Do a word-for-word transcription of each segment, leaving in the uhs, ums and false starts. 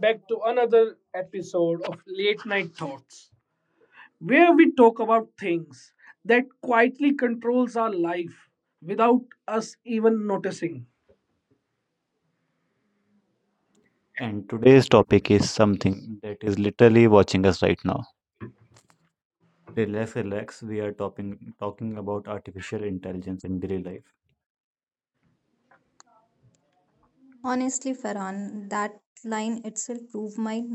Back to another episode of Late Night Thoughts, where we talk about things that quietly controls our life without us even noticing. And today's topic is something that is literally watching us right now. Relax, relax. We are talking talking about artificial intelligence in daily life. Honestly, Farhan, that line itself proved my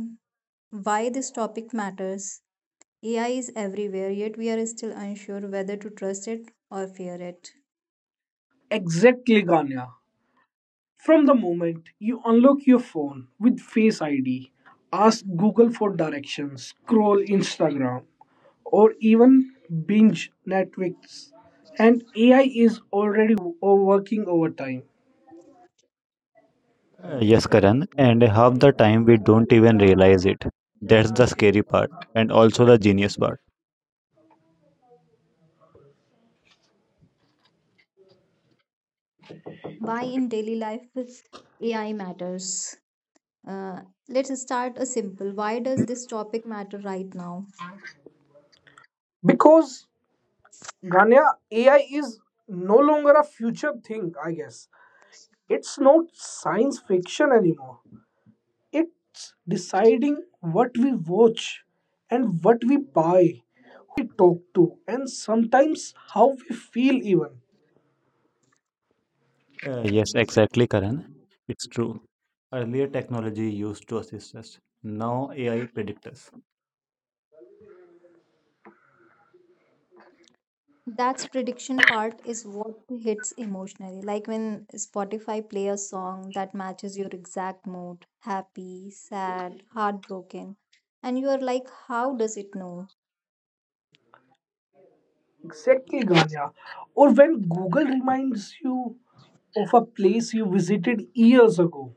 why this topic matters. A I is everywhere, yet we are still unsure whether to trust it or fear it. Exactly, Ganya. From the moment you unlock your phone with Face I D, ask Google for directions, scroll Instagram, or even binge Netflix, and A I is already wo- working overtime Uh, Uh, yes, yes, correct. Karan. And And without half the the time time we we don't even know, realize it. that's That's the the scary scary part. And part, and also also the the genius genius part. part. Why in daily life is A I matters? Uh, let's start a simple. Why does this topic matter right now? because Ganya, A I is no longer a future thing, I guess. It's not science fiction anymore. It's deciding what we watch and what we buy, who we talk to, and sometimes how we feel, even. Uh, Uh, yes, yes, exactly, exactly, Karan. Karan. It's true. Earlier, technology used to assist us. Now, A I predicts us. That's prediction part is what hits emotionally. Like when Spotify play a song that matches your exact mood, happy, sad, heartbroken, and you are like, how does it know? Exactly, Ganya. Or when Google reminds you of a place you visited years ago,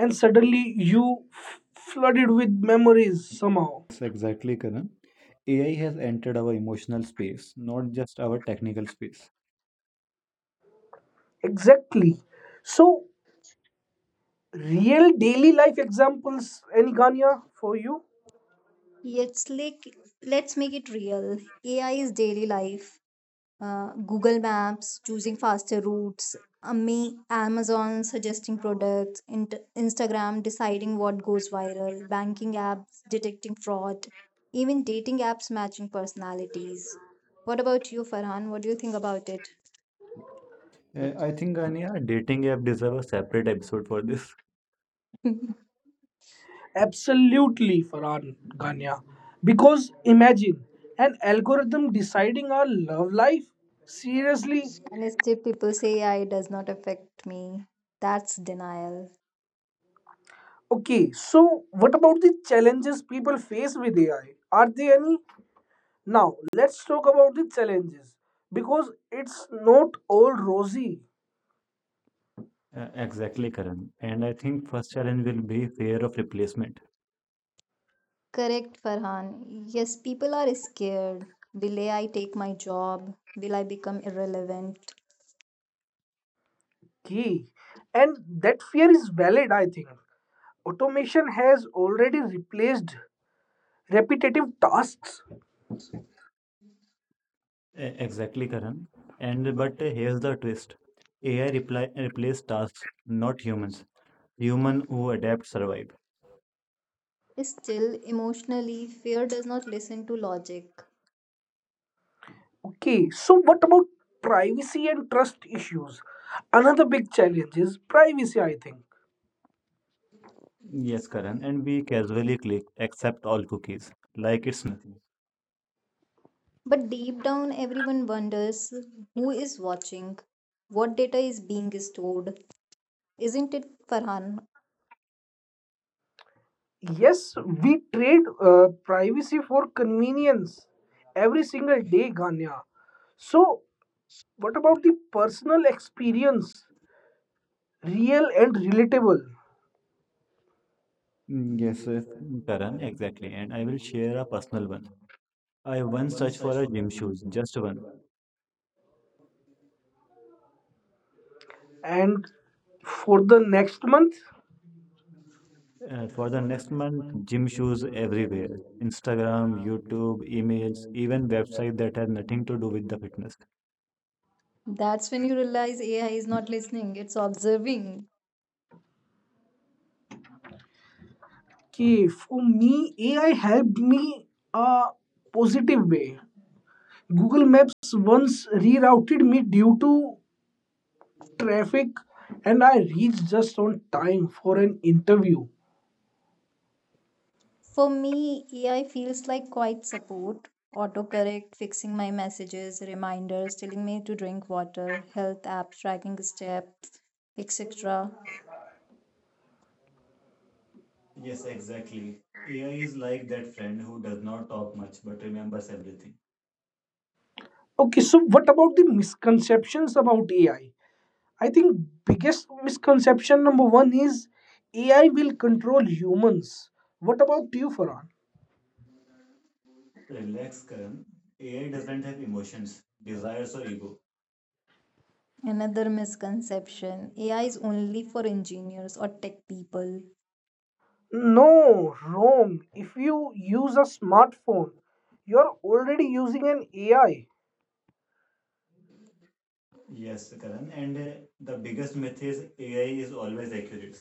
and suddenly you f- flooded with memories somehow. Mm, yes, exactly, Karan. A I has entered our emotional space, not just our technical space. Exactly. So real daily life examples, any Gania for you? It's like let's make it real. A I is daily life. uh, Google Maps choosing faster routes, Ami- Amazon suggesting products, Int- Instagram deciding what goes viral, banking apps detecting fraud, even dating apps matching personalities. What about you, Farhan? What do you think about it? Uh, Yeah, I I think, think that yeah, Ania, dating dating app app deserve a deserves a separate separate episode episode for for this. this. Absolutely, Farhan Gania. Because imagine an algorithm deciding our love life. Seriously? And still people say A I does not affect me. That's denial. Okay, so what about the challenges people face with A I? Are there any? Now, let's talk about the challenges because it's not all rosy. Uh, Uh, exactly, exactly, Karan. Karan. And And I I think think first, first Karan, challenge we will need be fear fear of of replacement. replacement. Correct, Farhan. Yes, people are scared. Will A I take my job? Will I become irrelevant? Okay, and that fear is valid, I think. Automation has already replaced repetitive tasks. Uh, E- Exactly, exactly, Karan. Karan. And And but but uh, here's here's the the twist. twist: A I AI replies reply, replace replaces tasks, tasks, not not humans. humans. Human Human who who adapt adapt survive. survive. Still, emotionally, fear does not listen to logic. Okay, so what about privacy and trust issues? Another big challenge is privacy, I think. Yes, Yes, Karan. Karan. And And we we casually casually click play, accept accept all all cookies, cookies like like it's it's nothing. nothing. But deep down, everyone wonders who is watching, what data is being stored, isn't it, Farhan? Yes, we trade uh, privacy for convenience every single day, Ganya. So, what about the personal experience? Real and relatable. Mm, Mm, yes, Yes, uh, sir. Karan. Karan, Exactly. exactly. And I And will I will share a share a personal one. personal one. I I once once searched for searched a for a gym gym shoes, shoes, just just one one. And for the next month, Uh, For And the for the next next month, month, gym gym shoes shoes everywhere. everywhere. Instagram, Instagram, YouTube, YouTube, emails, email, even even website website that has that have nothing to nothing do to do with the with that. fitness. That's when you realize A I is not listening, it's observing. okay, for me, A I helped me a positive way. Google Maps once rerouted me due to traffic and I reached just on time for an interview. For me, A I feels like quite support, autocorrect, fixing my messages, reminders, telling me to drink water, health apps, tracking steps, et cetera. Yes, exactly. A I is like that friend who does not talk much but remembers everything. Okay, so what about the misconceptions about A I? I I think biggest misconception number one is A I will control humans. What about you, Farhan? So, relax, Karan. A I doesn't have emotions, desires, or ego. Another misconception A I is only for engineers or tech people. No, wrong. If you use a smartphone, you are already using an A I. Yes, Karan. And uh, the biggest myth is A I is always accurate.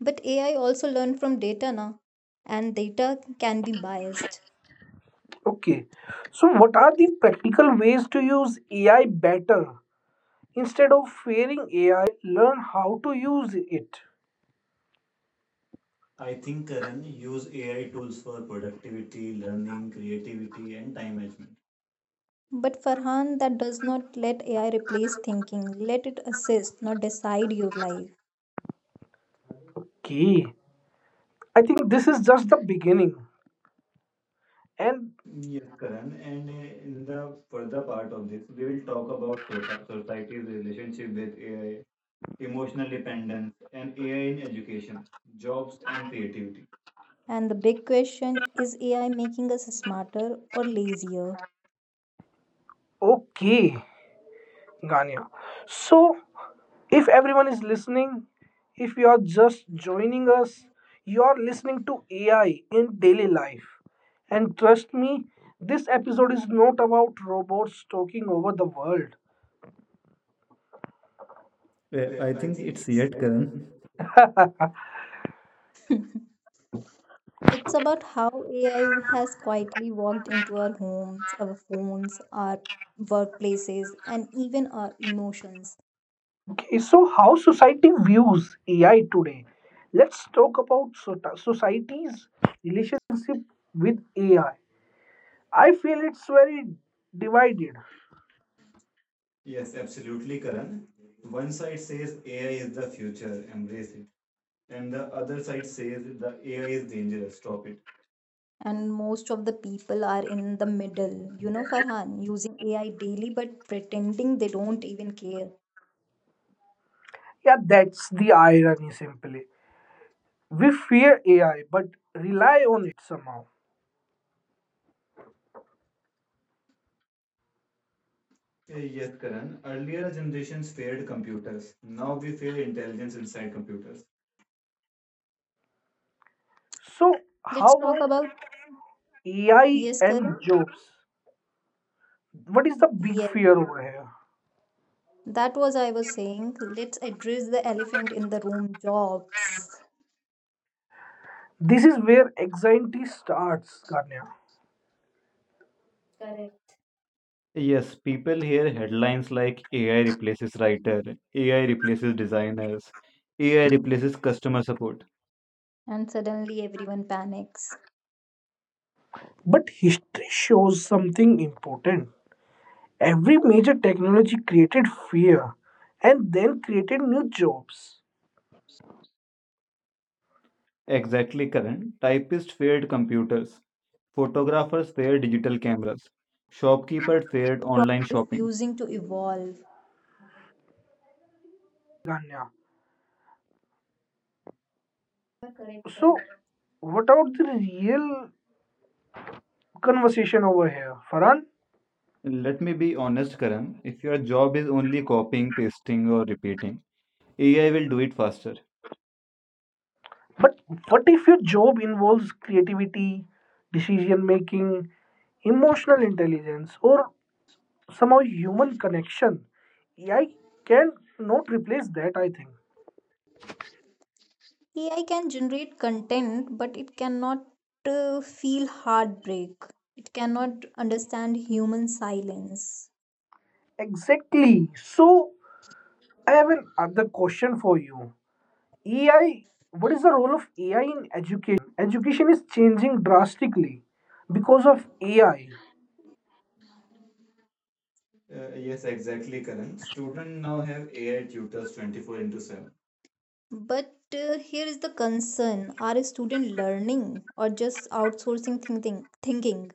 But A I also learn from data now, and data can be biased. Okay, so what are the practical ways to use A I better? Instead of fearing A I, learn how to use it. I think, Karan, use A I tools for productivity, learning, creativity, and time management. But Farhan, that does not let A I replace thinking. Let it assist, not decide your life. Okay, I think this is just the beginning. And Yes, Karan. And uh, in the further part of this, we will talk about sota- society's relationship with A I, emotional dependence, and A I in education, jobs, and creativity. And the big question is A I making us smarter or lazier? okay, Gania. So, if everyone is listening, if you are just joining us, you are listening to A I in daily life. And trust me, this episode is not about robots talking over the world. Uh, Uh, I I think think it's it's yet, yet, Karan. Karan. It's about how A I has quietly walked into our homes, our phones, our workplaces, and even our emotions. Okay, so how society views A I today? Let's talk about so- society's relationship with A I. I feel it's very divided. Yes, absolutely, Karan. One side says A I is the future, embrace it. And the other side says the A I is dangerous, stop it. And most of the people are in the middle. You know, Farhan, using A I daily but pretending they don't even care. Yeah, that's the irony simply. We fear A I but rely on it somehow. Eh, Yes, Karan. Earlier generations feared computers. Now we fear intelligence inside computers. So, Let's how talk about about A I yes, and Karan. jobs? What is the big Yes, fear over here? that was I was saying. Let's address the elephant in the room jobs. This is where anxiety starts, Ganya. Yes, people hear headlines like A I replaces writer, A I replaces designers, A I replaces customer support. And suddenly everyone panics. But history shows something important. Every major technology created fear and then created new jobs. Exactly, Karan. Typists feared computers, photographers feared digital cameras, shopkeepers feared The problem online is shopping. refusing to evolve. I think the problem is not A I, Ganya. So, what about the real conversation over here, Farhan? Let me be honest, Karan. If your job is only copying, pasting, or repeating, A I will do it faster. But what if your job involves creativity, decision making, emotional intelligence, or somehow human connection? A I can not replace that, I think. A I can generate content, but it cannot uh, feel heartbreak. It cannot understand human silence. Exactly. So, I have an other question for you. A I, what is the role of A I in education? Education is changing drastically because of A I. Uh, yes, exactly, Karan. Students now have A I tutors twenty-four into seven. But uh, here is the concern are students learning or just outsourcing thinking? thinking?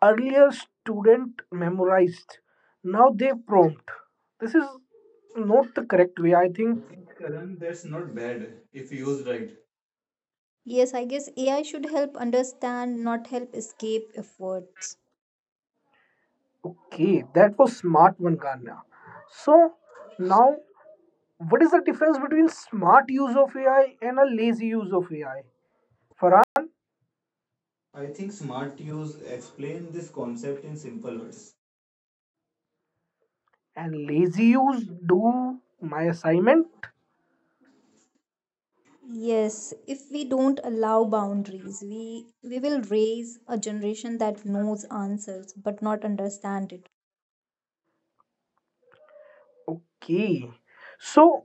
Earlier, student memorized. Now they prompt. This is not the correct way, I I think. think Karan, that's not bad if used right. Yes, I guess A I should help understand, not help escape efforts. Okay, that was smart one, Ganya. So now, what is the difference between smart use of A I and a lazy use of A I? Farhan I think smart use explain this concept in simple words. and lazy use do my assignment. Yes, if we don't allow boundaries, we we will raise a generation that knows answers but not understand it. Okay. So,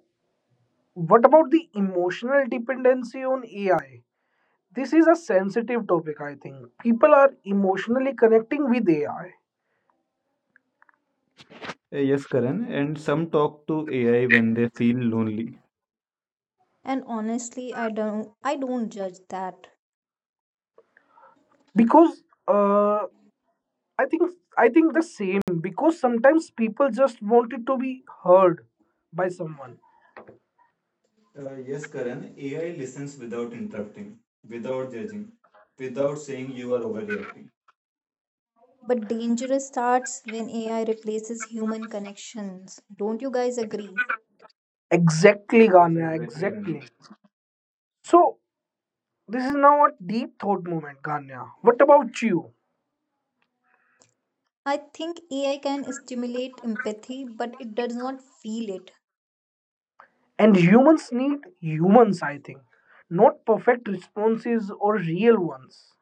what about the emotional dependency on A I? This is a sensitive topic, I think. People are emotionally connecting with A I Uh, Yes, Karan. And some talk to A I when they feel lonely. And honestly, I don't I don't judge that. because uh, I think I think the same because sometimes people just wanted to be heard by someone. Uh, yes, Karan, A I listens without interrupting, without judging, without saying you are overreacting. But danger starts when A I replaces human connections. Don't you guys agree? Exactly, Yes, Ganya. exactly, Ganesh. Exactly. So this is now a deep thought moment, Ganya. What about you? I think A I can stimulate empathy, but it does not feel it. And humans need humans, I think, not perfect responses or real ones.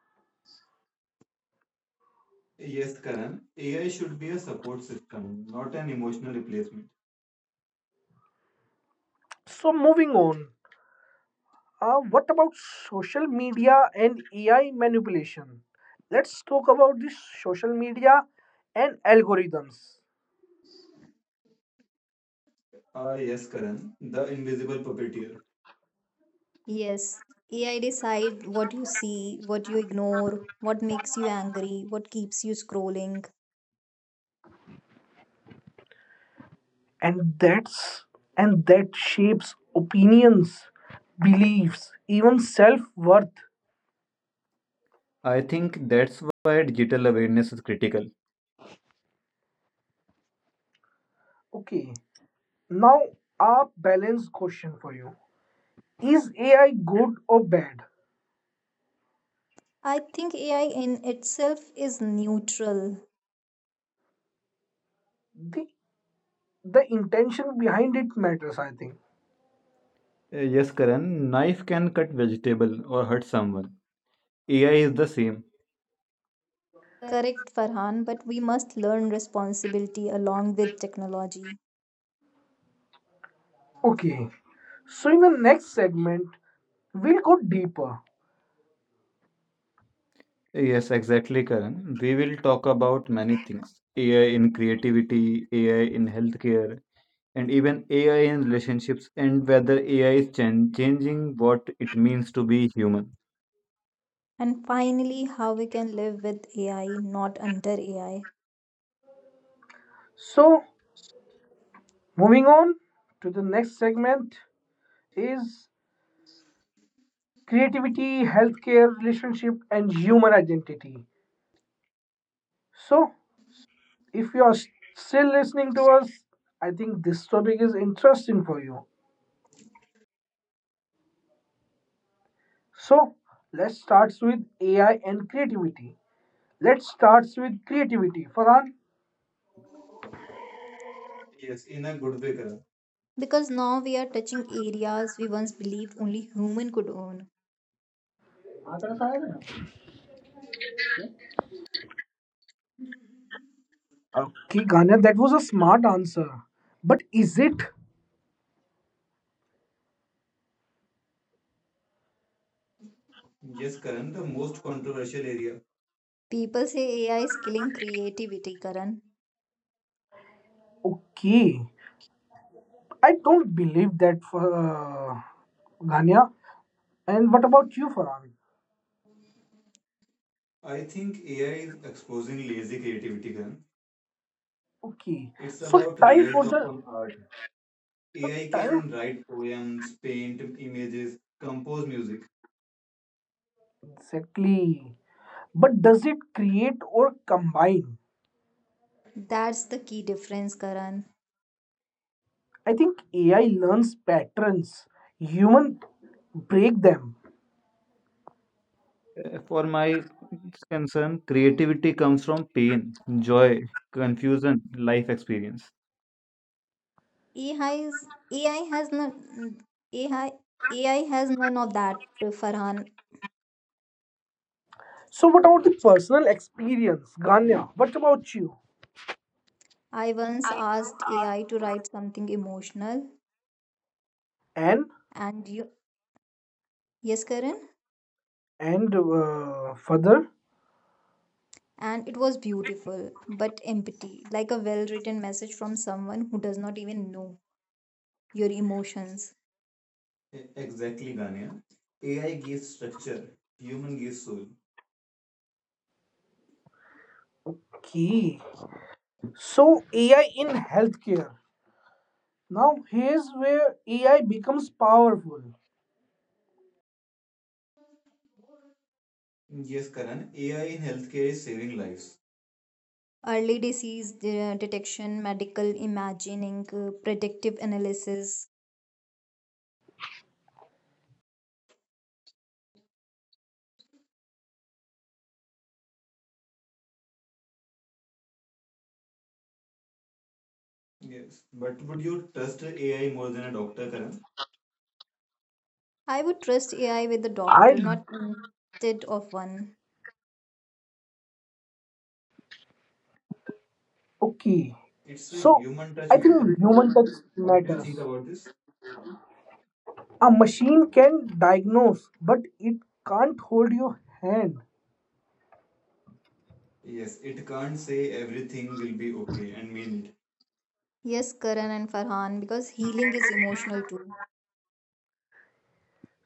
Yes, Karan. A I should be a support system, not an emotional replacement. So moving on, Uh, what about social media and A I manipulation? Let's talk about this social media and algorithms. Ah, yes, Karan, the invisible puppeteer. Yes, A I decide what you see, what you ignore, what makes you angry, what keeps you scrolling. And that's and that shapes opinions, beliefs, even self-worth. I think that's why digital awareness is critical. Okay. Now a balanced question for you. Is A I good or bad? I think A I in itself is neutral. The the intention behind it matters, I think. Uh, Yes, Karan, knife can cut vegetable or hurt someone. A I is the same. Correct, Farhan, but we must learn responsibility along with technology. Okay. So in the next segment, we'll go deeper. Yes, exactly, Karan. We will talk about many things. A I in creativity, A I in healthcare, and even A I in relationships, and whether A I is chan- changing what it means to be human. And finally, how we can live with A I, not under A I. So moving on to the next segment is creativity, healthcare, relationship, and human identity. So, if you are s- still listening to us, I think this topic is interesting for you. So, let's start with A I and creativity. Let's start with creativity. Farhan? Yes, in a good way, Karan. Because now we are touching areas we once believed only human could own. Okay, Ganya, that was a smart answer. But is it? Yes, Karan, the most controversial area. People say A I is killing creativity, Karan. Okay. I don't believe that for uh, Ganya. And what about you, Farhan? I think A I is exposing lazy creativity, Karan. Okay, It's so about time real for talk the on art. so A I time can write poems, paint images, compose music. exactly. But does it create or combine? That's the key difference, Karan. I think A I learns patterns. Human break them. Uh, For my concern, creativity comes from pain, joy, confusion, life experience. AI is AI has none AI AI has none of that, Farhan. So what about the personal experience, Ganya? What about you? I once asked A I to write something emotional, And and you yes, Karan. and uh, further And it was beautiful but empty like a well written message from someone who does not even know your emotions. E- Exactly, Gania. A I gives structure, human gives soul. key. So A I in healthcare. Now here's where A I becomes powerful. Yes, Karan, A I in healthcare is saving lives. Early disease de- detection, medical imagining, uh, predictive analysis. Yes. But would you trust A I more than a doctor, Karan? I would trust AI with a I doctor, not instead of one. okay. It's a So human I touch think matters, Karan. human touch What do you matters. think about this? A machine can diagnose, but it can't hold your hand. Yes, it can't say everything will be okay and mean it. Yes, Karan and Farhan, because healing is emotional too.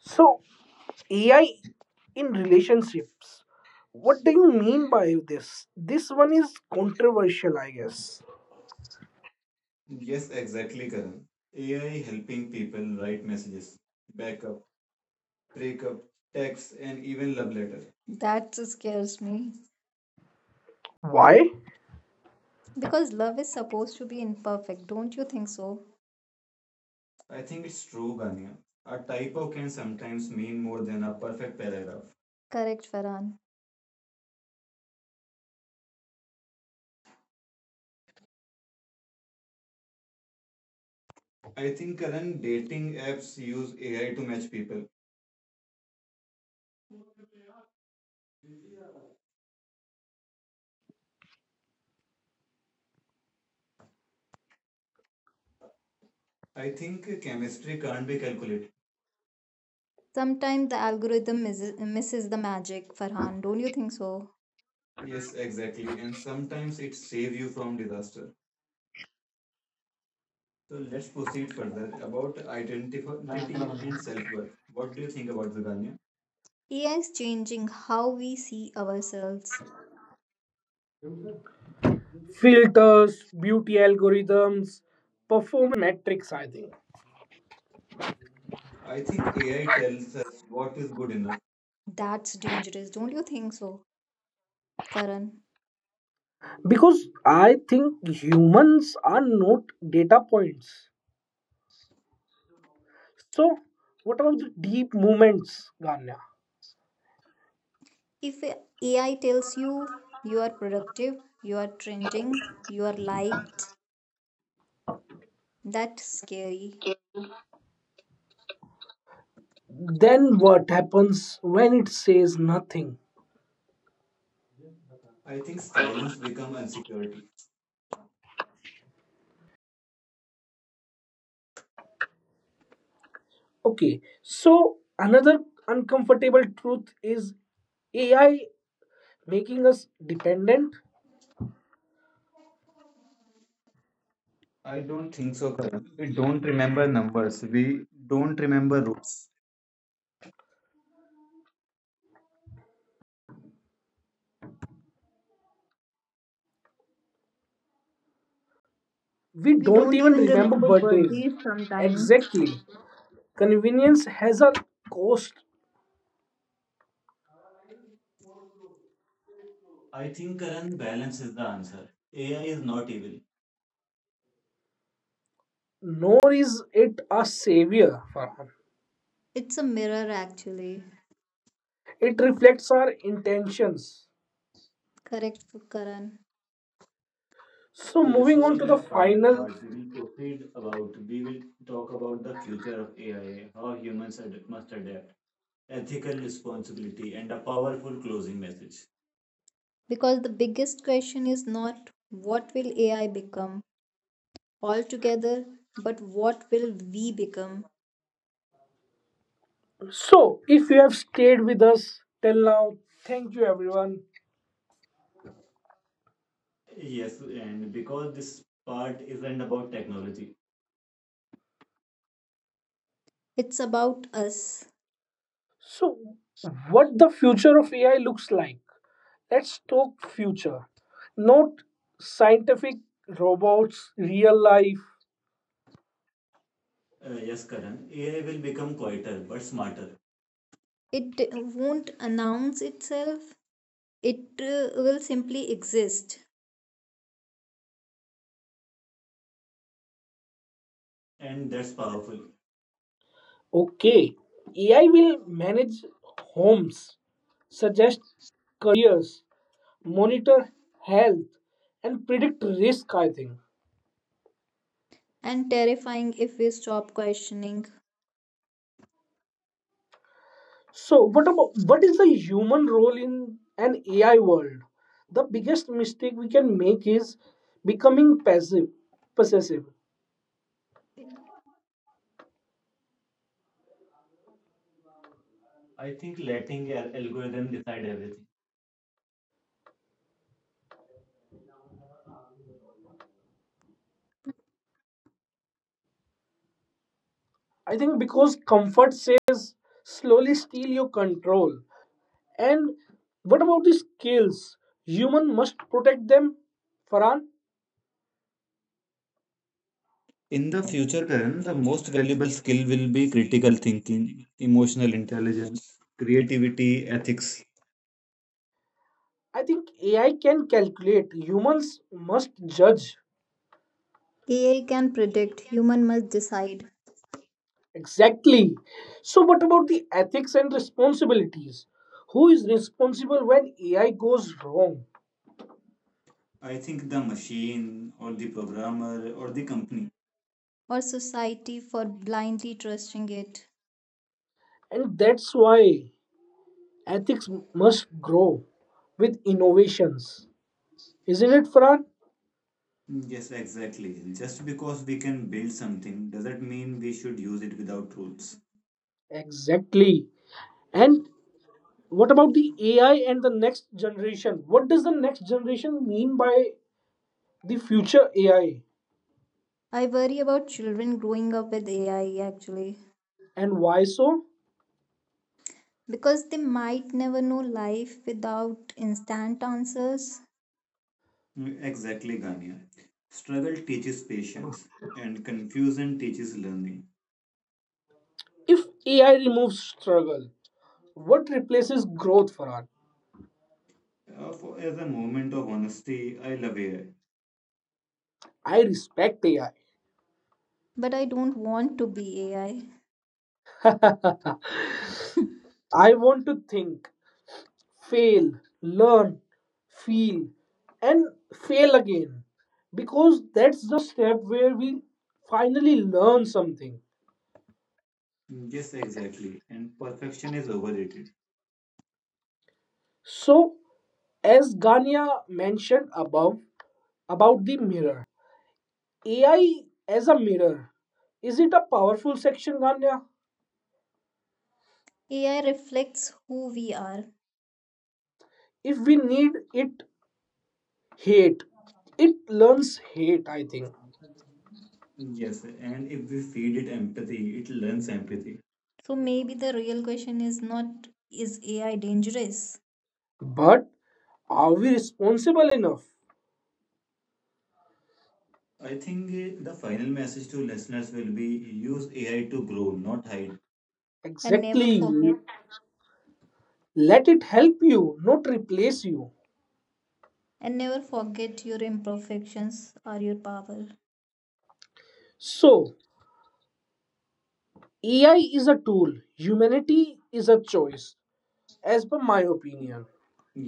So A I in relationships. What do you mean by this? This one is controversial, I guess. Yes, exactly, Karan. A I helping people write messages, backup, breakup, text, and even love letter. That scares me. Why? Because love is supposed to be imperfect, don't you think so? I think it's true, Gania. A typo can sometimes mean more than a perfect paragraph. Correct, Farhan. I think current dating apps use A I to match people. I think chemistry can't be calculated. Sometimes the algorithm misses, misses the magic, Farhan. Don't you think so? Yes, exactly. And sometimes it saves you from disaster. So let's proceed further about identity and self worth. What do you think about Zaganya? A I is changing how we see ourselves. Filters, beauty algorithms, performance metrics, I think. I think A I tells us what is good enough. That's dangerous, don't you think so, Karan? Because I think humans are not data points. So, what about the deep movements, Ganya? If A I tells you you are productive, you are trending, you are liked, that's scary. Then what happens when it says nothing? I think silence become insecurity. Okay, so another uncomfortable truth is A I making us dependent. I don't think so, Karan. We don't remember numbers. We don't remember roots. We We don't don't even even remember remember birthdays. birthdays sometimes. Exactly. Convenience has a cost. I think Karan balance is the answer. A I is not evil. Nor is it a savior, Farhan. It's a mirror, actually. It reflects our intentions. Correct, Karan. So, Uh, moving so on to in the the final final. part, we will proceed about, we will talk about the future of A I, how humans ad- must adapt, ethical responsibility, and a powerful closing message. Because the biggest question is not what will A I become altogether, but what will we become? So, if you have stayed with us till now, thank you everyone. Yes, and because this part isn't about technology, it's about us. So, what the future of A I looks like? Let's talk future. Not scientific robots, real life. uh, yes, Karan, A I will become quieter but smarter. It d- won't announce itself, it uh, will simply exist and that's powerful. Okay, A I will manage homes, suggest careers, monitor health and predict risk, I think. And terrifying if we stop questioning. So what about what is the human role in an AI world? The biggest mistake we can make is becoming passive possessive, I think letting al- algorithm decide everything. I think, because comfort says slowly steal your control. And what about the skills human must protect them, Farhan? In the future, Karan, the most valuable skill will be critical thinking, emotional intelligence, creativity, ethics. I think AI can calculate, humans must judge. A I can predict, human must decide. Exactly. So, what about the ethics and responsibilities? Who is responsible when A I goes wrong? I think the machine or the programmer or the company or society for blindly trusting it. And that's why ethics must grow with innovations. Isn't it, Farhan? Yes, exactly. Just because we can build something doesn't mean we should use it without rules. Exactly. And what about the A I and the next generation? What does the next generation mean by the future A I? I worry about children growing up with A I actually And why so? because they might never know life without instant answers. Mm, Exactly, Gania. Struggle teaches patience, and confusion teaches learning. If A I removes struggle, what replaces growth, Farhan? Uh, for, as a moment of honesty, I love A I. I respect A I. But I don't want to be A I. I want to think, fail, learn, feel, and fail again. Because that's the step where we finally learn something. Yes, exactly. And perfection is overrated. So, as Gania mentioned above about the mirror, A I as a mirror, is it a powerful section, Gania? A I reflects who we are. If we need it, hate, it learns hate, I think. Yes, and if we feed it empathy, it learns empathy. So maybe the real question is not is A I dangerous? But are we responsible enough? I think uh, the final message to listeners will be use A I to grow, not hide. And never Exactly. forget Let it help you, not replace you. and never forget your imperfections are your power. So, A I is a tool, humanity is a choice, as per my opinion.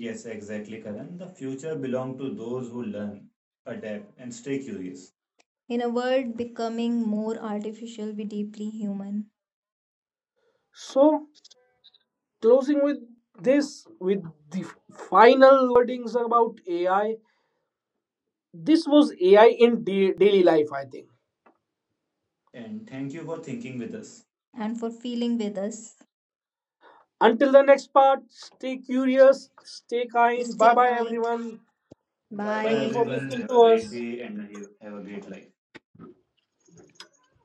Yes, exactly, Karan. The future belongs to those who learn, adapt, and stay curious. In a world becoming more artificial, be deeply human. So, closing with this, with the final wordings about A I, this was A I in da- daily life, I think. And thank you for thinking with us and for feeling with us. Until the next part, stay curious, stay kind. Bye Stay bye, kind. everyone. Bye bye, Thank Bye. you for everyone. listening Have to a great us. day and have a great life.